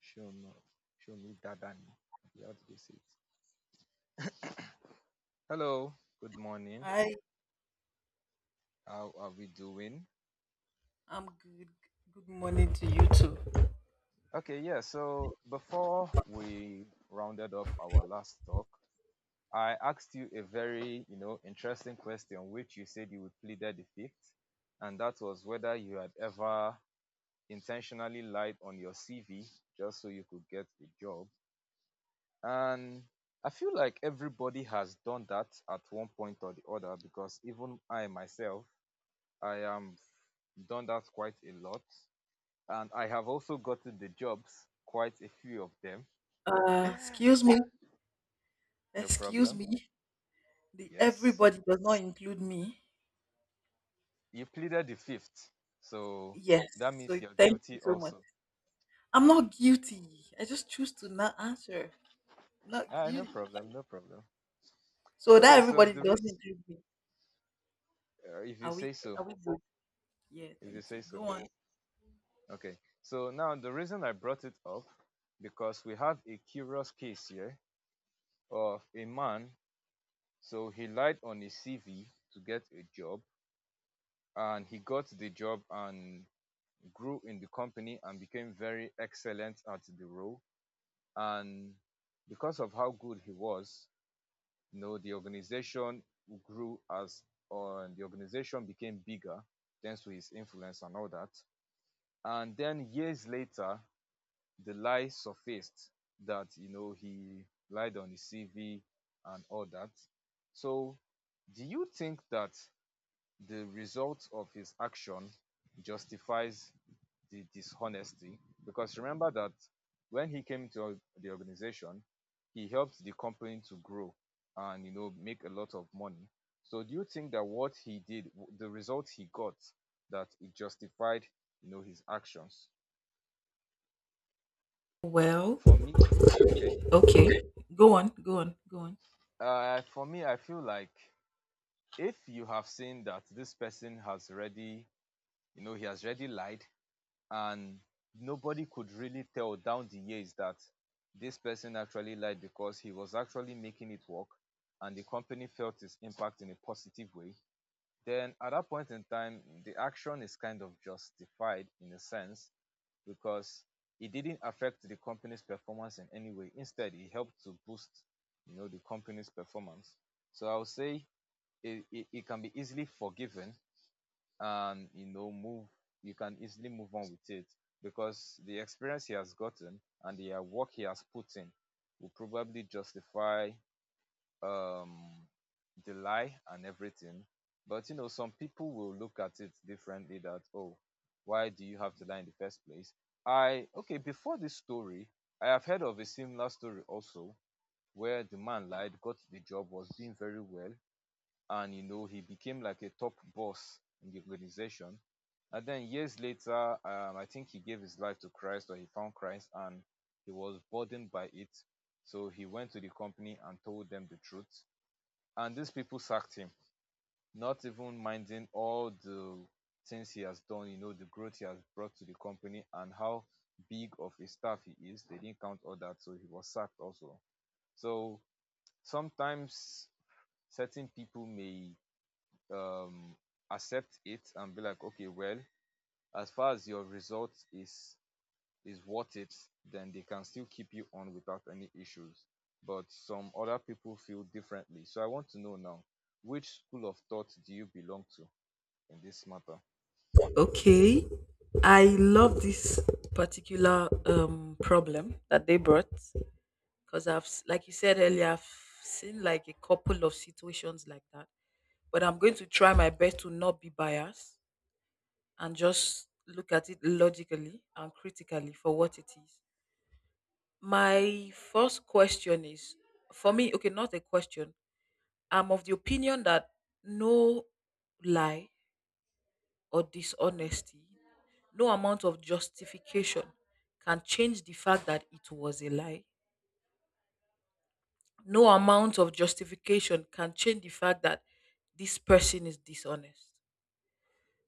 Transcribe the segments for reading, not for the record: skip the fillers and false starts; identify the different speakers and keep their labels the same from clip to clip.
Speaker 1: Show me, show me Dadani. Yeah, how do they say it? Hello, good morning.
Speaker 2: Hi,
Speaker 1: How are we doing?
Speaker 2: I'm good. Good morning to you too.
Speaker 1: Okay, yeah. So before we rounded off our last talk, I asked you a very, interesting question, which you said you would pleaded the fifth, and that was whether you had ever intentionally lied on your CV just so you could get a job. And I feel like everybody has done that at one point or the other because even I myself I am done that quite a lot, and I have also gotten the jobs, quite a few of them.
Speaker 2: Uh, excuse me,
Speaker 1: No
Speaker 2: excuse
Speaker 1: problem.
Speaker 2: me. The
Speaker 1: Yes,
Speaker 2: everybody does not include me.
Speaker 1: you pleaded the fifth, so
Speaker 2: Yes,
Speaker 1: that means
Speaker 2: so
Speaker 1: you're
Speaker 2: thank you
Speaker 1: guilty
Speaker 2: so much.
Speaker 1: also.
Speaker 2: I'm not guilty. I just choose to not answer. Not
Speaker 1: Ah, no
Speaker 2: guilty.
Speaker 1: problem, no problem.
Speaker 2: So
Speaker 1: Okay,
Speaker 2: that
Speaker 1: so
Speaker 2: everybody
Speaker 1: the
Speaker 2: doesn't
Speaker 1: reason,
Speaker 2: include me.
Speaker 1: if you
Speaker 2: Are
Speaker 1: say
Speaker 2: we?
Speaker 1: so,
Speaker 2: Yeah,
Speaker 1: if you
Speaker 2: thank
Speaker 1: say
Speaker 2: you.
Speaker 1: so.
Speaker 2: Go on.
Speaker 1: Okay, so now the reason I brought it up because we have a curious case here of a man. So he lied on his CV to get a job, and he got the job, and grew in the company and became very excellent at the role. And because of how good he was, the organization grew as the organization became bigger thanks to his influence and all that. And then years later, the lie surfaced that he lied on his CV and all that. So, do you think that the result of his action justifies the dishonesty because remember that when he came to the organization, he helped the company to grow and make a lot of money. So do you think that what he did, the result he got, that it justified his actions?
Speaker 2: Well,
Speaker 1: For me, okay,
Speaker 2: okay. Go on.
Speaker 1: for me, I feel like if you have seen that this person has already, you know, he has already lied, and nobody could really tell down the years that this person actually lied because he was actually making it work and the company felt its impact in a positive way, then at that point in time, the action is kind of justified in a sense because it didn't affect the company's performance in any way. Instead, it helped to boost, the company's performance. So I would say it can be easily forgiven and you can easily move on with it because the experience he has gotten and the work he has put in will probably justify um the lie and everything, but some people will look at it differently that, oh, why do you have to lie in the first place. I Okay, before this story I have heard of a similar story also where the man lied, got the job, was doing very well, and he became like a top boss in the organization. And then years later, I think he gave his life to Christ or he found Christ, and he was burdened by it, so he went to the company and told them the truth, and these people sacked him, not even minding all the things he has done, the growth he has brought to the company and how big of a staff he is. They didn't count all that, so he was sacked also. So sometimes certain people may um accept it and be like, okay, well, as far as your result is worth it, then they can still keep you on without any issues, but some other people feel differently. So I want to know now, which school of thought do you belong to in this matter?
Speaker 2: Okay. I love this particular problem that they brought. Because like you said earlier, I've seen like a couple of situations like that. But I'm going to try my best to not be biased and just look at it logically and critically for what it is. My first question is for me, okay, not a question. I'm of the opinion that no lie or dishonesty, no amount of justification can change the fact that it was a lie. No amount of justification can change the fact that this person is dishonest.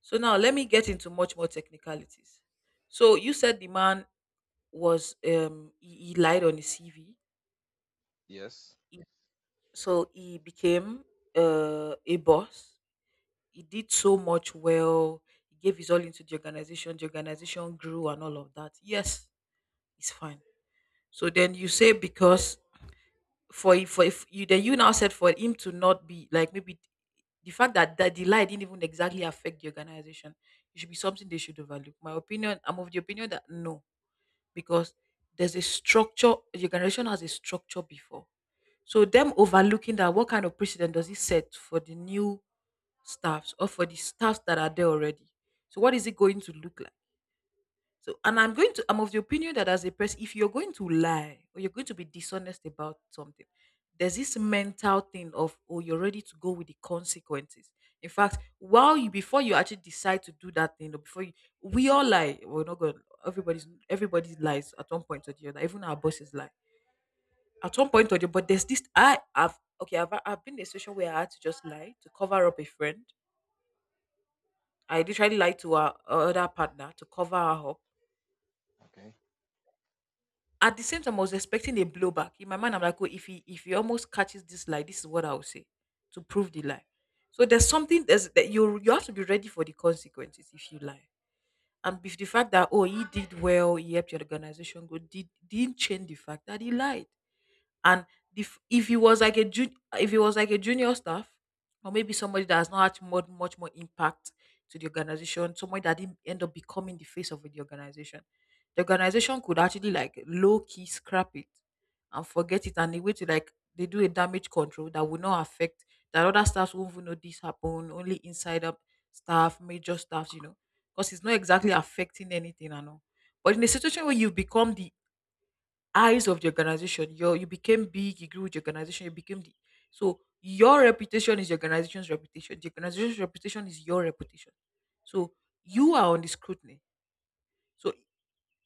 Speaker 2: So now let me get into much more technicalities. So you said the man was he lied on his CV.
Speaker 1: Yes.
Speaker 2: He- so he became a boss. He did so much well. He gave his all into the organization. The organization grew and all of that. Yes, it's fine. So then you say because for if you then you now said for him to not be like maybe. The fact that, that the lie didn't even exactly affect the organization, it should be something they should overlook. My opinion, I'm of the opinion that no, because there's a structure, the organization has a structure before. So them overlooking that, what kind of precedent does it set for the new staffs or for the staffs that are there already? So what is it going to look like? So, and I'm going to, I'm of the opinion that as a person, if you're going to lie or you're going to be dishonest about something, there's this mental thing of, oh, you're ready to go with the consequences. In fact, while you, before you actually decide to do that thing, or before you, we all lie. We're not going, everybody's, everybody lies at one point or the other. Even our bosses lie at one point or the, but there's this, I have, okay, I've been in a situation where I had to just lie to cover up a friend. I literally lied to our other partner to cover her up.
Speaker 1: Okay.
Speaker 2: At the same time, I was expecting a blowback. In my mind, I'm like, oh, if he almost catches this lie, this is what I will say to prove the lie. So that you have to be ready for the consequences if you lie. And if the fact that, oh, he did well, he helped your organization go, didn't change the fact that he lied. And if he was like if he was like a junior staff, or maybe somebody that has not had much more impact to the organization, somebody that didn't end up becoming the face of the organization could actually like low key scrap it and forget it, and a way to like they do a damage control that will not affect, that other staffs won't even know this happened, only insider staff, major staffs, you know, because it's not exactly affecting anything and all. But in a situation where you become the eyes of the organization. You became big, you grew with the organization, you became the, so your reputation is the organization's reputation. The organization's reputation is your reputation. So you are on the scrutiny. So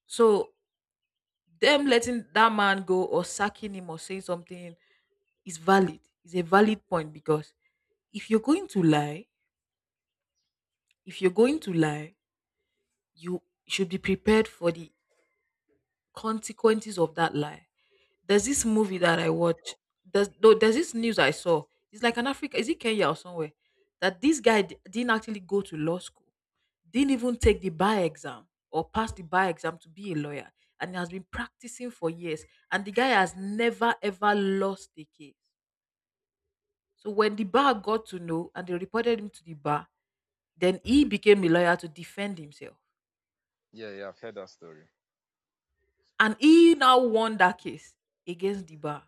Speaker 2: so them letting that man go or sacking him or saying something is valid. It's a valid point because if you're going to lie, if you're going to lie, you should be prepared for the consequences of that lie. There's this movie
Speaker 1: True.
Speaker 2: that I watched. There's no, there's this news I saw. It's like an Africa. Is it Kenya or somewhere? That this guy didn't actually go to law school, didn't even take the bar exam or pass the bar exam to be a lawyer, and he has been practicing for years. And the guy has never ever lost a case. So when the bar got to know and they reported him to the bar, then he became a lawyer to defend himself.
Speaker 1: Yeah, yeah, I've heard that story.
Speaker 2: And he now won that case against the bar.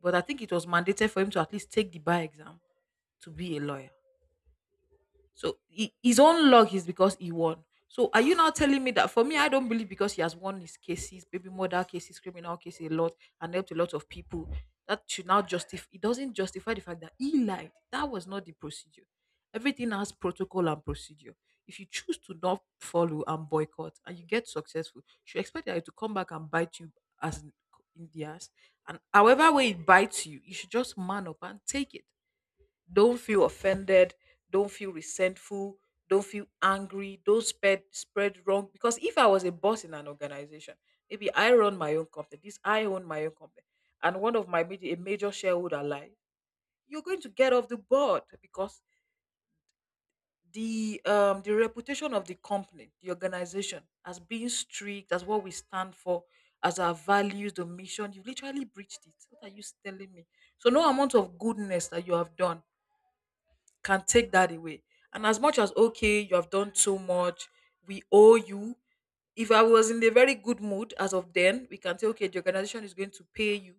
Speaker 2: But I think it was mandated for him to at least take the bar exam to be a lawyer. So he, his own luck is because he won. So are you now telling me that, for me, I don't believe because he has won his cases, baby murder cases, criminal cases a lot, and helped a lot of people. That should now justify. It doesn't justify the fact that he lied. That was not the procedure. Everything has protocol and procedure. If you choose to not follow and boycott, and you get successful, you should expect that to come back and bite you, as in the ass. And however way it bites you, you should just man up and take it. Don't feel offended. Don't feel resentful. Don't feel angry. Don't spread wrong. Because if I was a boss in an organization, maybe I run my own company. This I own my own company, and one of my major, a major shareholder lie, you're going to get off the board because the reputation of the company, the organization, as being strict, as what we stand for, as our values, the mission, you literally breached it. What are you telling me? So no amount of goodness that you have done can take that away. And as much as, okay, you have done too much, we owe you. If I was in a very good mood as of then, we can say, okay, the organization is going to pay you,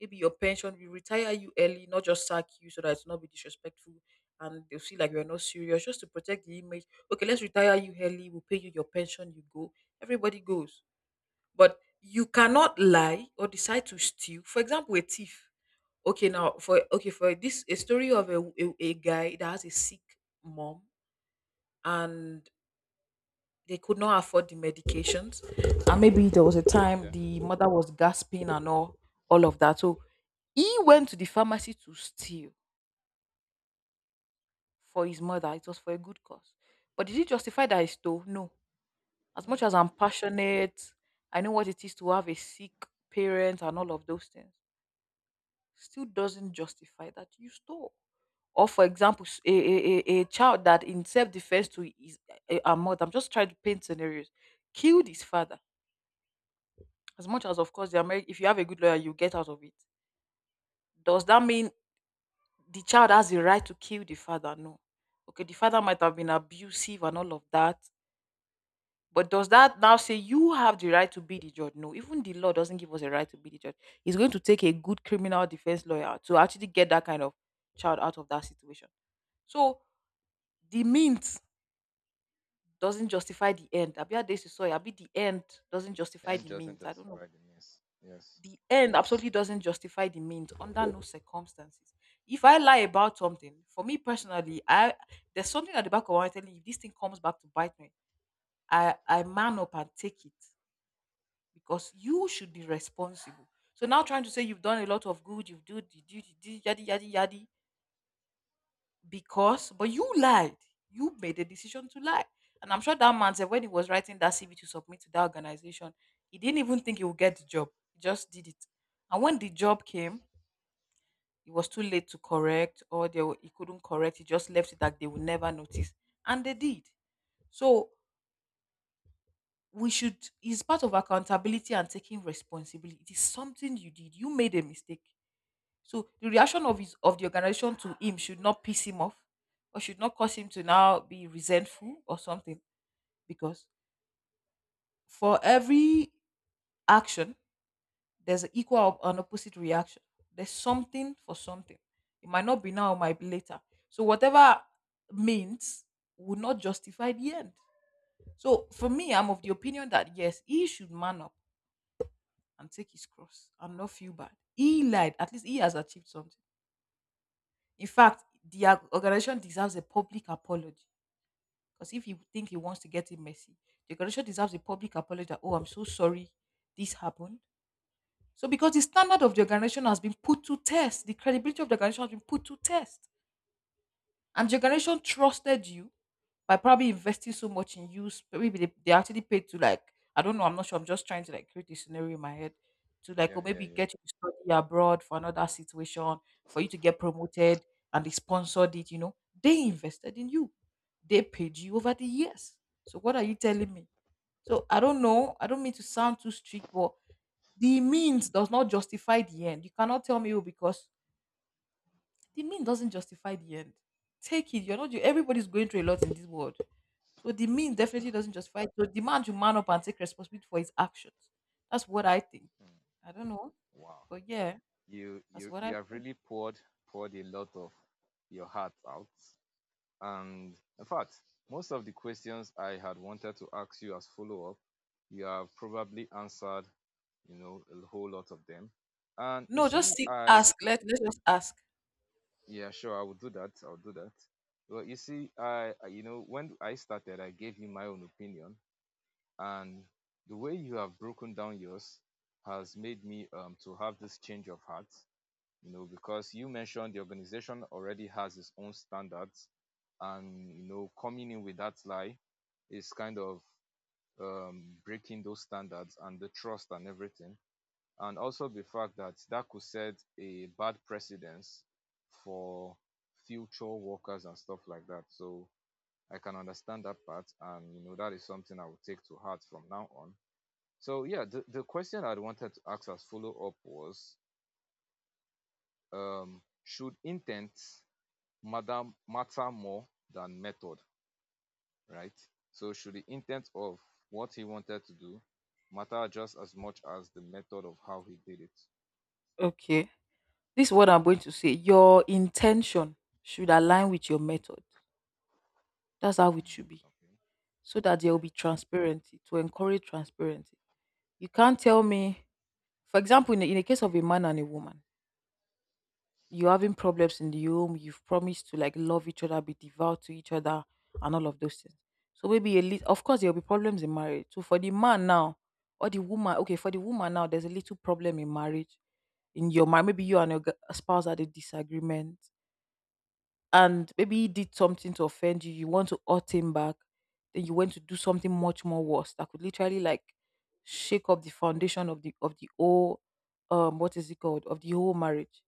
Speaker 2: maybe your pension, we retire you early, not just sack you so that it's not be disrespectful and they'll see like you're not serious, just to protect the image. Okay, let's retire you early, we'll pay you your pension, you go. Everybody goes. But you cannot lie or decide to steal. For example, a thief. Okay, for this, a story of a guy that has a sick mom, and they could not afford the medications, and maybe there was a time
Speaker 1: Yeah.
Speaker 2: the mother was gasping and all of that. So he went to the pharmacy to steal for his mother. It was for a good cause, but did it justify that he stole? No. As much
Speaker 1: No.
Speaker 2: as I'm passionate, I know what it is to have a sick parent and all of those things, still doesn't justify that you stole. Or for example, a child that, in self-defense to his, a mother, I'm just trying to paint scenarios, killed his father. As much as, of course, if you have a good lawyer, you get out of it. Does that mean the child has the right to kill the father? No. Okay, the father might have been abusive and all of that. But does that now say you have the right to be the judge? No, even the law doesn't give us a right to be the judge. It's going to take a good criminal defense lawyer to actually get that kind of child out of that situation. So the means doesn't justify the end. Abi how days you saw it, abi the end doesn't justify
Speaker 1: And
Speaker 2: the
Speaker 1: doesn't
Speaker 2: means. I don't know.
Speaker 1: justify the mess. Yes.
Speaker 2: The end absolutely doesn't justify the means under no circumstances. If I lie about something, for me personally, I there's something at the back of my mind telling me, if this thing comes back to bite me, I man up and take it because you should be responsible. So now trying to say you've done a lot of good, you've do the do the do yadi yadi yadi. Because but you lied, you made a decision to lie, and I'm sure that man said when he was writing that CV to submit to that organization, he didn't even think he would get the job, he just did it. And when the job came, it was too late to correct, or he couldn't correct, he just left it that they would never notice, and they did. So we should, it's part of accountability and taking responsibility. It is something you did, you made a mistake. So the reaction of his of the organization to him should not piss him off or should not cause him to now be resentful or something. Because for every action, there's an equal or an opposite reaction. There's something for something. It might not be now, it might be later. So whatever means would not justify the end. So for me, I'm of the opinion that yes, he should man up and take his cross and not feel bad. He lied. At least he has achieved something. In fact, the organization deserves a public apology because if you think he wants to get it messy, the organization deserves a public apology that, oh, I'm so sorry this happened. So, because the standard of the organization has been put to test, the credibility of the organization has been put to test. And your generation trusted you by probably investing so much in you. Maybe they actually paid to, like, I don't know, I'm not sure. I'm just trying to, like, create a scenario in my head to, like,
Speaker 1: Yeah,
Speaker 2: or
Speaker 1: yeah,
Speaker 2: maybe
Speaker 1: yeah.
Speaker 2: get you to study abroad for another situation, for you to get promoted and they sponsored it, you know. They invested in you. They paid you over the years. So what are you telling me? So I don't know. I don't mean to sound too strict, but the means does not justify the end. You cannot tell me, oh, because the mean doesn't justify the end. Take it. You're not you. Everybody's going through a lot in this world. So the mean definitely doesn't
Speaker 1: Definitely.
Speaker 2: justify it. So the man should man up and take responsibility for his actions. That's what I think.
Speaker 1: Mm.
Speaker 2: I don't know,
Speaker 1: Wow.
Speaker 2: but yeah,
Speaker 1: you
Speaker 2: that's
Speaker 1: you
Speaker 2: what
Speaker 1: you
Speaker 2: I
Speaker 1: have
Speaker 2: think.
Speaker 1: really poured a lot of your heart out, and in fact most of the questions I had wanted to ask you as follow up you have probably answered, a whole lot of them. And you
Speaker 2: No, just
Speaker 1: see
Speaker 2: see,
Speaker 1: I
Speaker 2: ask. Let's just ask.
Speaker 1: yeah, sure, I will do that, I'll do that. Well, you see when I started I gave you my own opinion, and the way you have broken down yours has made me to have this change of heart, you know, because you mentioned the organization already has its own standards, and you know, coming in with that lie is kind of breaking those standards and the trust and everything, and also the fact that that could set a bad precedence for future workers and stuff like that. So I can understand that part, and that is something I will take to heart from now on. So yeah, the question I wanted to ask as follow up was should intent matter more than method, right? So should the intent of what he wanted to do matter just as much as the method of how he did it?
Speaker 2: Okay, this is what I'm going to say. Your intention should align with your method. That's how it should be,
Speaker 1: Okay.
Speaker 2: so that there
Speaker 1: Okay.
Speaker 2: will be transparency to encourage transparency. You can't tell me, for example, in the case of a man and a woman. You're having problems in the home, you've promised to, like, love each other, be devout to each other, and all of those things. So maybe a little, of course, there'll be problems in marriage. So for the man now, or the woman, okay, for the woman now, there's a little problem in marriage. In your mind, maybe you and your spouse had a disagreement, and maybe he did something to offend you. You want to hurt him back, then you went to do something much more worse that could literally, like, shake up the foundation of the whole, what is it called, of the whole marriage.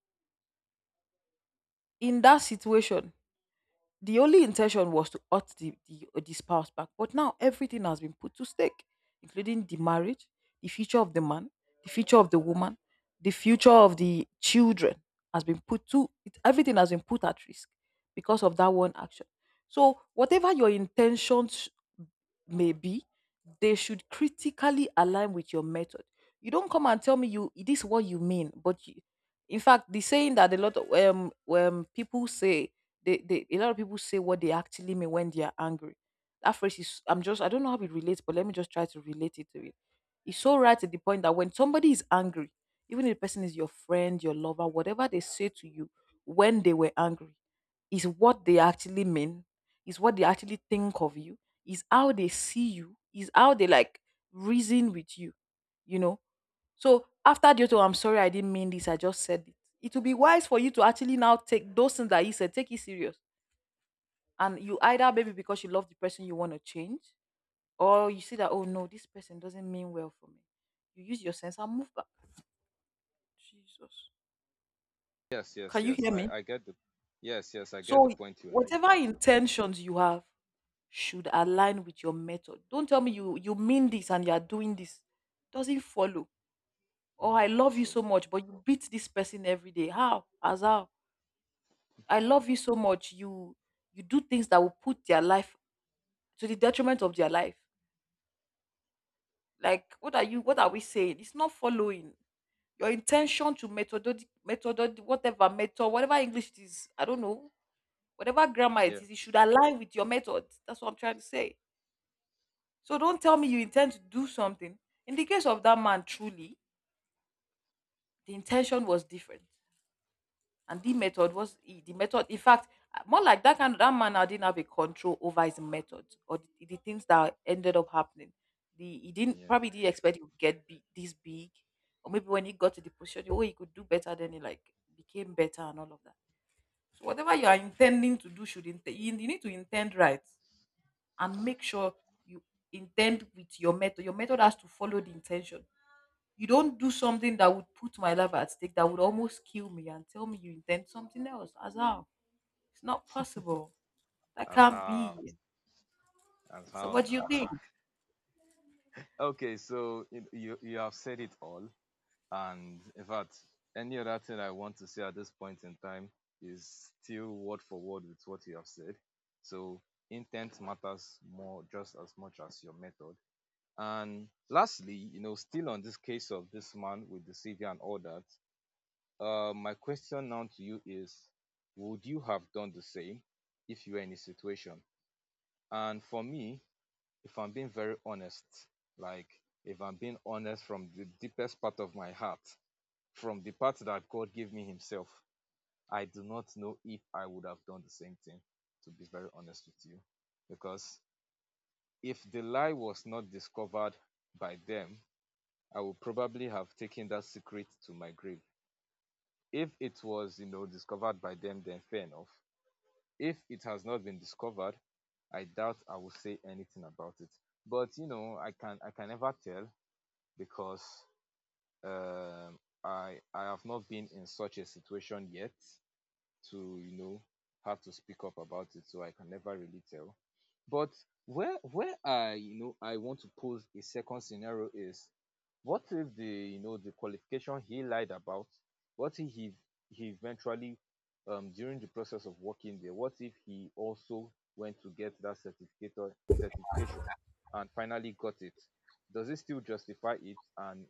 Speaker 2: In that situation, the only intention was to hurt the spouse back. But now everything has been put to stake, including the marriage, the future of the man, the future of the woman, the future of the children has been put to it, everything has been put at risk because of that one action. So whatever your intentions may be, they should critically align with your method. You don't come and tell me you this is what you mean, but you, in fact, the saying that a lot of people say a lot of people say what they actually mean when they are angry. That phrase is, I'm just, I don't know how it relates, but let me just try to relate it to it. It's so right at the point that when somebody is angry, even if the person is your friend, your lover, whatever they say to you when they were angry, is what they actually mean, is what they actually think of you, is how they see you, is how they, like, reason with you, you know. So after the auto, I'm sorry I didn't mean this, I just said it. It will be wise for you to actually now take those things that he said, take it serious and you either maybe because you love the person you want to change or you see that, oh no, this person doesn't mean well for me, you use your sense and move back. Jesus,
Speaker 1: Yes, yes,
Speaker 2: can you
Speaker 1: yes.
Speaker 2: hear
Speaker 1: I
Speaker 2: me?
Speaker 1: I get the yes, yes. I get the
Speaker 2: So
Speaker 1: point you are
Speaker 2: whatever
Speaker 1: making.
Speaker 2: intentions you have should align with your method. Don't tell me you mean this and you are doing this. Doesn't follow. Oh, I love you so
Speaker 1: True.
Speaker 2: much but you beat this person every day. How? As how? I love you so much you you do things that will put their life to the detriment of their life. Like, what are you? What are we saying? It's not following your intention to methodology, method, whatever English it is. I don't know. Whatever grammar
Speaker 1: Yeah.
Speaker 2: it is, it should align with your method. That's what I'm trying to say. So don't tell me you intend to do something. In the case of that man, truly, the intention was different. And the method was the method. In fact, more like that kind of that man now didn't have a control over his method or the things that ended up happening. The he didn't
Speaker 1: Yeah.
Speaker 2: probably didn't expect he would get big, this big, or maybe when he got to the position, oh, he could do better. Then he, like, became better and all of that. So whatever you are intending to do, should you need to intend right and make sure you intend with your method. Your method has to follow the intention. You don't do something that would put my life at stake, that would almost kill me, and tell me you intend something else. As how? It's not possible. That
Speaker 1: As
Speaker 2: can't be.
Speaker 1: how, as
Speaker 2: So,
Speaker 1: how
Speaker 2: what do you think?
Speaker 1: nah. Okay. So you have said it all. And in fact, any other thing I want to say at this point in time is still word for word with what you have said. So intent matters more just as much as your method. And lastly, still on this case of this man with the savior and all that, my question now to you is, would you have done the same if you were in a situation? And for me, if I'm being very honest, like if I'm being honest from the deepest part of my heart, from the part that God gave me Himself, I do not know if I would have done the same thing, to be very honest with you. Because if the lie was not discovered by them, I would probably have taken that secret to my grave. If it was, discovered by them, then fair enough. If it has not been discovered, I doubt I will say anything about it. But I can never tell because um, I have not been in such a situation yet to have to speak up about it, so I can never really tell. But where I you know I want to pose a second scenario is, what if the, the qualification he lied about, what if he eventually, during the process of working there, what if he also went to get that certificate or certification and finally got it? Does it still justify it? And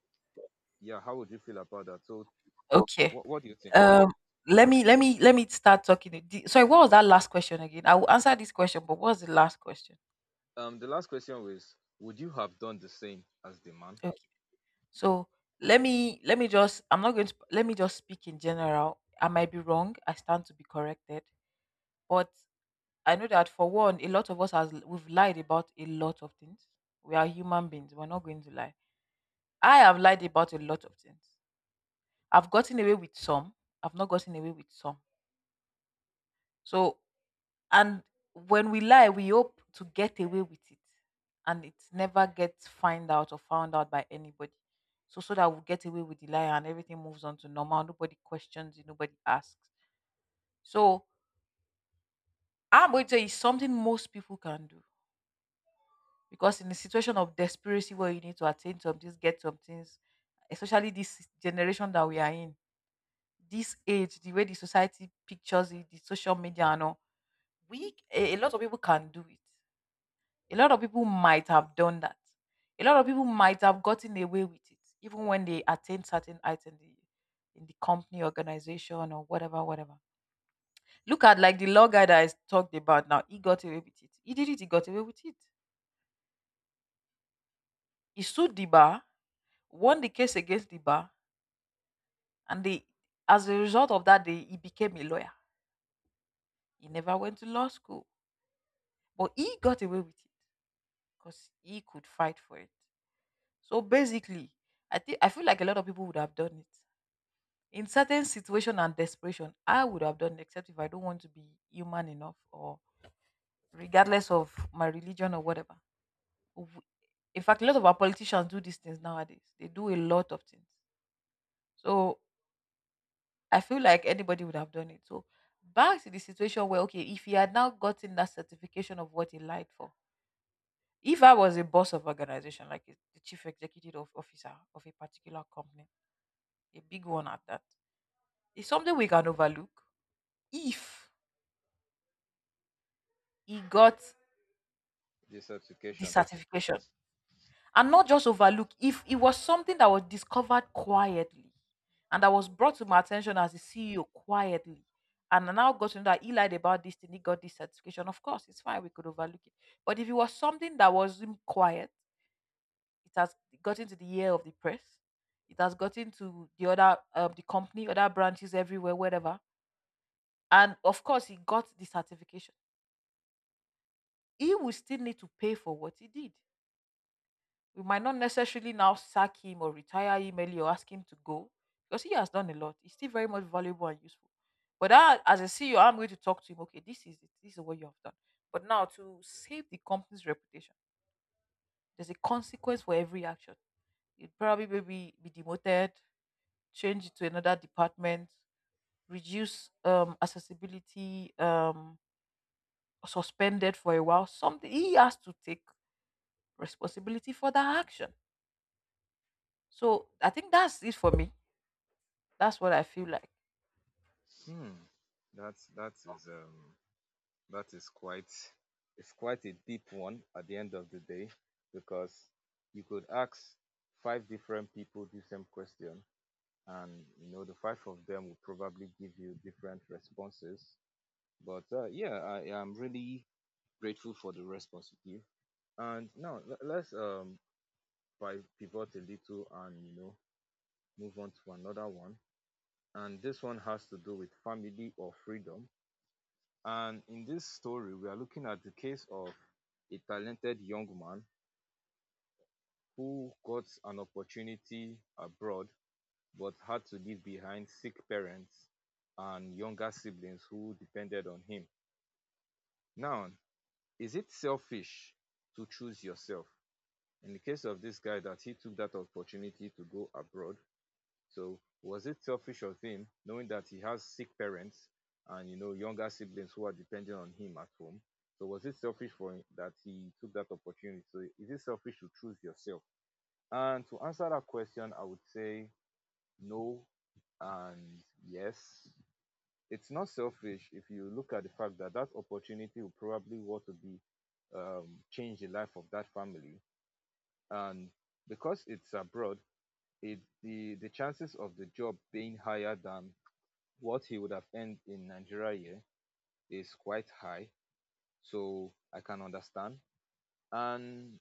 Speaker 1: yeah, how would you feel about that? So
Speaker 2: Okay.
Speaker 1: what do you think?
Speaker 2: Um. Let me start talking. Sorry, what was that last question again? I will answer this question, but what was the last question?
Speaker 1: The last question was, would you have done the same as the man?
Speaker 2: Okay. So let me just, I'm not going to, let me just speak in general. I might be wrong. I stand to be corrected. But I know that for one, a lot of us has we've lied about a lot of things. We are human beings. We're not going to lie. I have lied about a lot of things. I've gotten away with some. I've not gotten away with some. So and when we lie, we hope to get away with it. And it never gets find out or found out by anybody. So so that we get away with the lie and everything moves on to normal. Nobody questions it, nobody asks. So I'm going to say it's something most people can do because in a situation of desperation where you need to attain some things, get some things, especially this generation that we are in, this age, the way the society pictures it, the social media and all, we a lot of people can do it. A lot of people might have done that. A lot of people might have gotten away with it, even when they attain certain heights in the company, organization, or whatever, whatever. Look at like the law guy that I talked about now. He got away with it. He did it. He got away with it. He sued the bar, won the case against the bar, and they, as a result of that, he became a lawyer. He never went to law school, but he got away with it because he could fight for it. So basically, I think I feel like a lot of people would have done it in certain situation and desperation. I would have done it, except if I don't want to be human enough, or regardless of my religion or whatever. W- In fact, a lot of our politicians do these things nowadays. They do a lot of things. So I feel like anybody would have done it. So back to the situation where okay, if he had now gotten that certification of what he lied for, if I was a boss of organization, like the chief executive of officer of a particular company, a big one at that, it's something we can overlook if he got
Speaker 1: This
Speaker 2: the
Speaker 1: application.
Speaker 2: certification, and not just overlook if it was something that was discovered quietly and that was brought to my attention as a CEO quietly. And I now got to know that he lied about this thing, he got this certification. Of course, it's fine, we could overlook it. But if it was something that was in quiet, it has gotten to the ear of the press, it has gotten to the other, the company, other branches everywhere, wherever. And of course, he got the certification. He will still need to pay for what he did. We might not necessarily now sack him or retire him early or ask him to go because he has done a lot. He's still very much valuable and useful. But that, as a CEO, I'm going to talk to him. Okay, this is it. This is what you have done. But now to save the company's reputation, there's a consequence for every action. It probably maybe be demoted, change it to another department, reduce accessibility, suspended for a while. Something he has to take responsibility for that action. So I think that's it for me. That's what I feel like.
Speaker 1: Hmm. That's that is quite it's quite a deep one at the end of the day, because you could ask five different people the same question and the five of them will probably give you different responses. But yeah, I am really grateful for the response you give. And now let's pivot a little and move on to another one. And this one has to do with family or freedom. And in this story, we are looking at the case of a talented young man who got an opportunity abroad but had to leave behind sick parents and younger siblings who depended on him. Now, is it selfish to choose yourself? In the case of this guy, that he took that opportunity to go abroad, so was it selfish of him, knowing that he has sick parents and younger siblings who are depending on him at home? So was it selfish for him that he took that opportunity? So is it selfish to choose yourself? And to answer that question, I would say no and yes. It's not selfish if you look at the fact that that opportunity will probably want to be change the life of that family, and because it's abroad, it the chances of the job being higher than what he would have earned in Nigeria here is quite high, so I can understand. And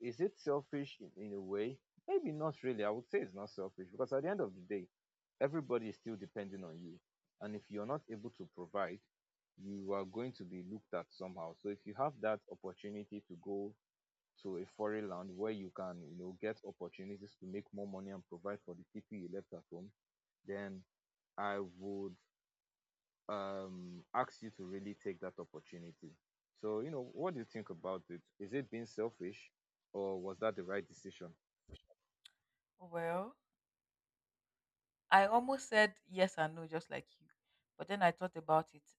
Speaker 1: is it selfish in a way? Maybe not really. I would say it's not selfish because at the end of the day, everybody is still depending on you. And if you're not able to provide, you are going to be looked at somehow. So if you have that opportunity to go to a foreign land where you can, get opportunities to make more money and provide for the people you left at home, then I would asks you to really take that opportunity. So, what do you think about it? Is it being selfish or was that the right decision?
Speaker 2: Well, I almost said yes and no, just like you. But then I thought about it.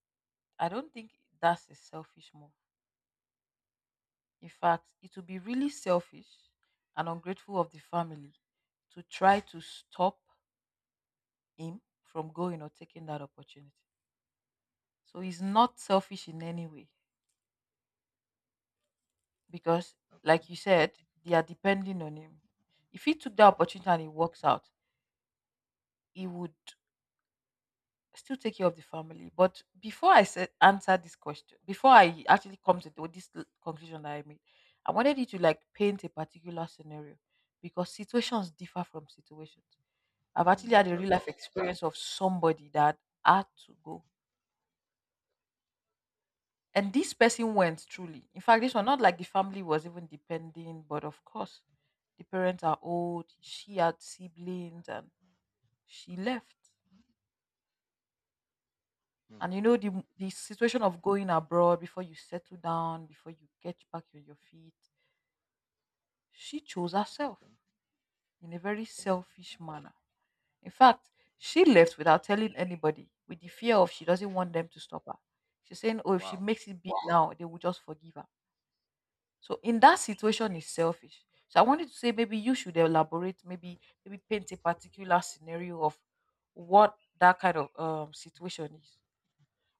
Speaker 2: I don't think that's a selfish move. In fact, it would be really selfish and ungrateful of the family to try to stop him from going or taking that opportunity. So he's not selfish in any way because,
Speaker 1: Okay.
Speaker 2: like you said, they are depending on him. If he took the
Speaker 1: Okay.
Speaker 2: opportunity and it works out, he would still take care of the family. But before I said answer this question, before I actually come to conclusion that I made, I wanted you to like paint a particular scenario because situations differ from situations. I've actually
Speaker 1: Mm,
Speaker 2: had a
Speaker 1: that's
Speaker 2: real
Speaker 1: true.
Speaker 2: life experience of somebody that had to go. And this person went truly. In fact, this one not like the family was even depending, but of course, the parents are old. She had siblings and she left.
Speaker 1: Mm,
Speaker 2: And you know, the situation of going abroad before you settle down, before you get back on your feet, she chose herself
Speaker 1: okay.
Speaker 2: in a very
Speaker 1: Okay.
Speaker 2: selfish manner. In fact, she left without telling anybody with the fear of she doesn't want them to stop her. She's saying, oh, if she
Speaker 1: Wow.
Speaker 2: makes it big now, they will just forgive her. So in that situation is selfish. So I wanted to say maybe you should elaborate, maybe paint a particular scenario of what that kind of situation is.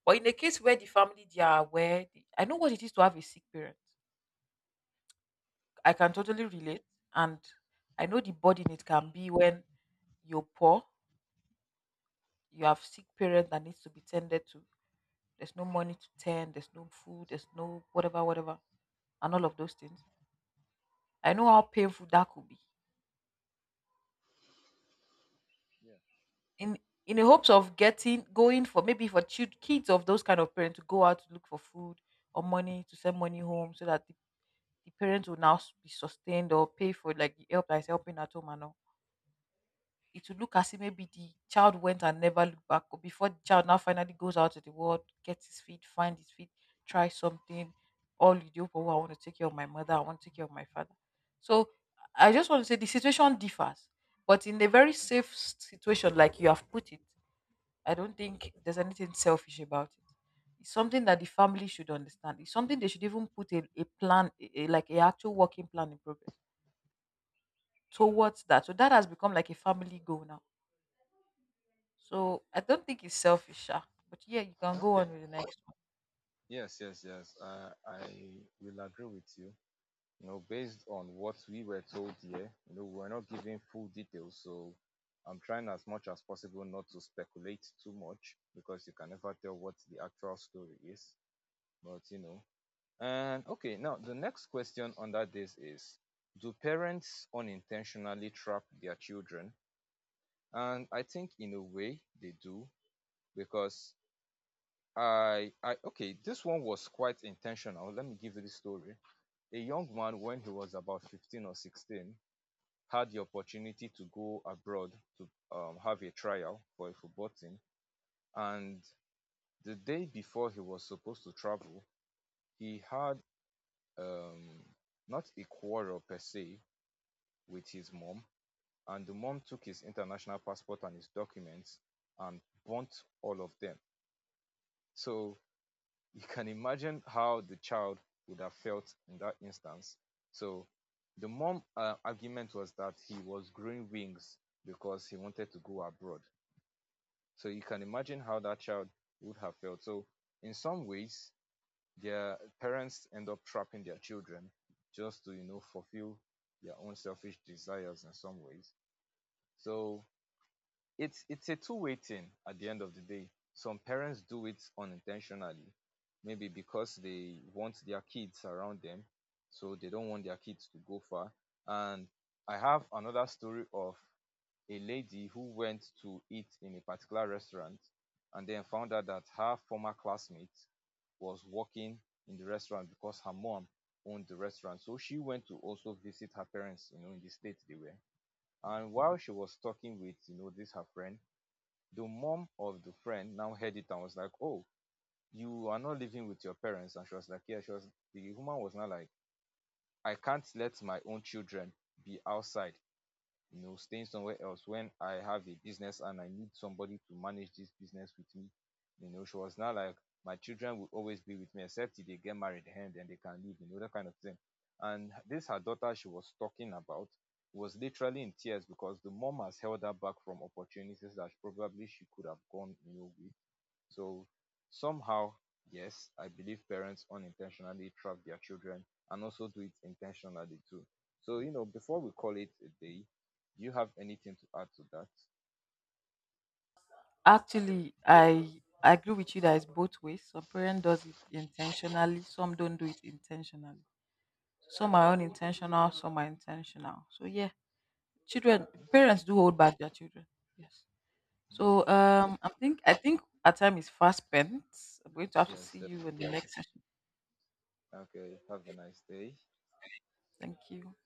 Speaker 2: But in the case where the family they are aware, I know what it is to have a sick parent. I can
Speaker 1: Mm,
Speaker 2: totally relate, and I know the burden it can be when you're poor, you have sick parents that needs to be tended to. There's no money to tend, there's no food, there's no whatever, whatever, and all of those things. I know how painful that could be.
Speaker 1: yeah.
Speaker 2: In in the hopes of getting going for maybe for kids of those kind of parents to go out to look for food or money to send money home so that the parents will now be sustained or pay for like the help that's helping at home and all, it will look as if maybe the child went and never looked back, or before the child now finally goes out to the world, find his feet, try something, all you do, oh, I want to take care of my mother, I want to take care of my father. So I just want to say the situation differs. But in a very safe situation, like you have put it, I don't think there's anything selfish about it. It's something that the family should understand. It's something they should even put a plan, like a actual working plan in progress towards that. So that has become like a family goal now. So I don't think it's selfish, sha. But yeah, you can go on
Speaker 1: Okay.
Speaker 2: with the next one.
Speaker 1: Yes, yes, yes. I will agree with you. Based on what we were told here, we're not giving full details, so I'm trying as much as possible not to speculate too much because you can never tell what the actual story is. But and okay, now the next question on that this is, do parents unintentionally trap their children? And I think in a way they do because I okay, this one was quite intentional. Let me give you the story. A young man, when he was about 15 or 16, had the opportunity to go abroad to, have a trial for a football team. And the day before he was supposed to travel, he had, um, not a quarrel per se, with his mom, and the mom took his international passport and his documents and burnt all of them. So you can imagine how the child would have felt in that instance. So the mom, argument was that he was growing wings because he wanted to go abroad. So you can imagine how that child would have felt. So in some ways, their parents end up trapping their children just to fulfill their own selfish desires in some ways. So it's a two-way thing at the end of the day. Some parents do it unintentionally, maybe because they want their kids around them, so they don't want their kids to go far. And I have another story of a lady who went to eat in a particular restaurant and then found out that her former classmate was working in the restaurant because her mom owned the restaurant. So she went to also visit her parents, in the state they were. And while she was talking with, this her friend, the mom of the friend now heard it and was like, "Oh, you are not living with your parents." And she was like, "Yeah." She was The woman was not like, "I can't let my own children be outside, staying somewhere else when I have a business and I need somebody to manage this business with me." She was now like, "My children will always be with me except if they get married, and then they can leave." That kind of thing. And this her daughter she was talking about was literally in tears because the mom has held her back from opportunities that probably she could have gone, with. So somehow, yes, I believe parents unintentionally trap their children and also do it intentionally too. So, before we call it a day, do you have anything to add to that?
Speaker 2: Actually, I agree with you that it's both ways. Some parent does it intentionally, some don't do it intentionally. Some are unintentional, some are intentional. So yeah, children parents do hold back their children. Yes. So I think our time is fast spent. I'm going to have to
Speaker 1: Yes,
Speaker 2: see you in the next session.
Speaker 1: okay. Have a nice day.
Speaker 2: Thank you.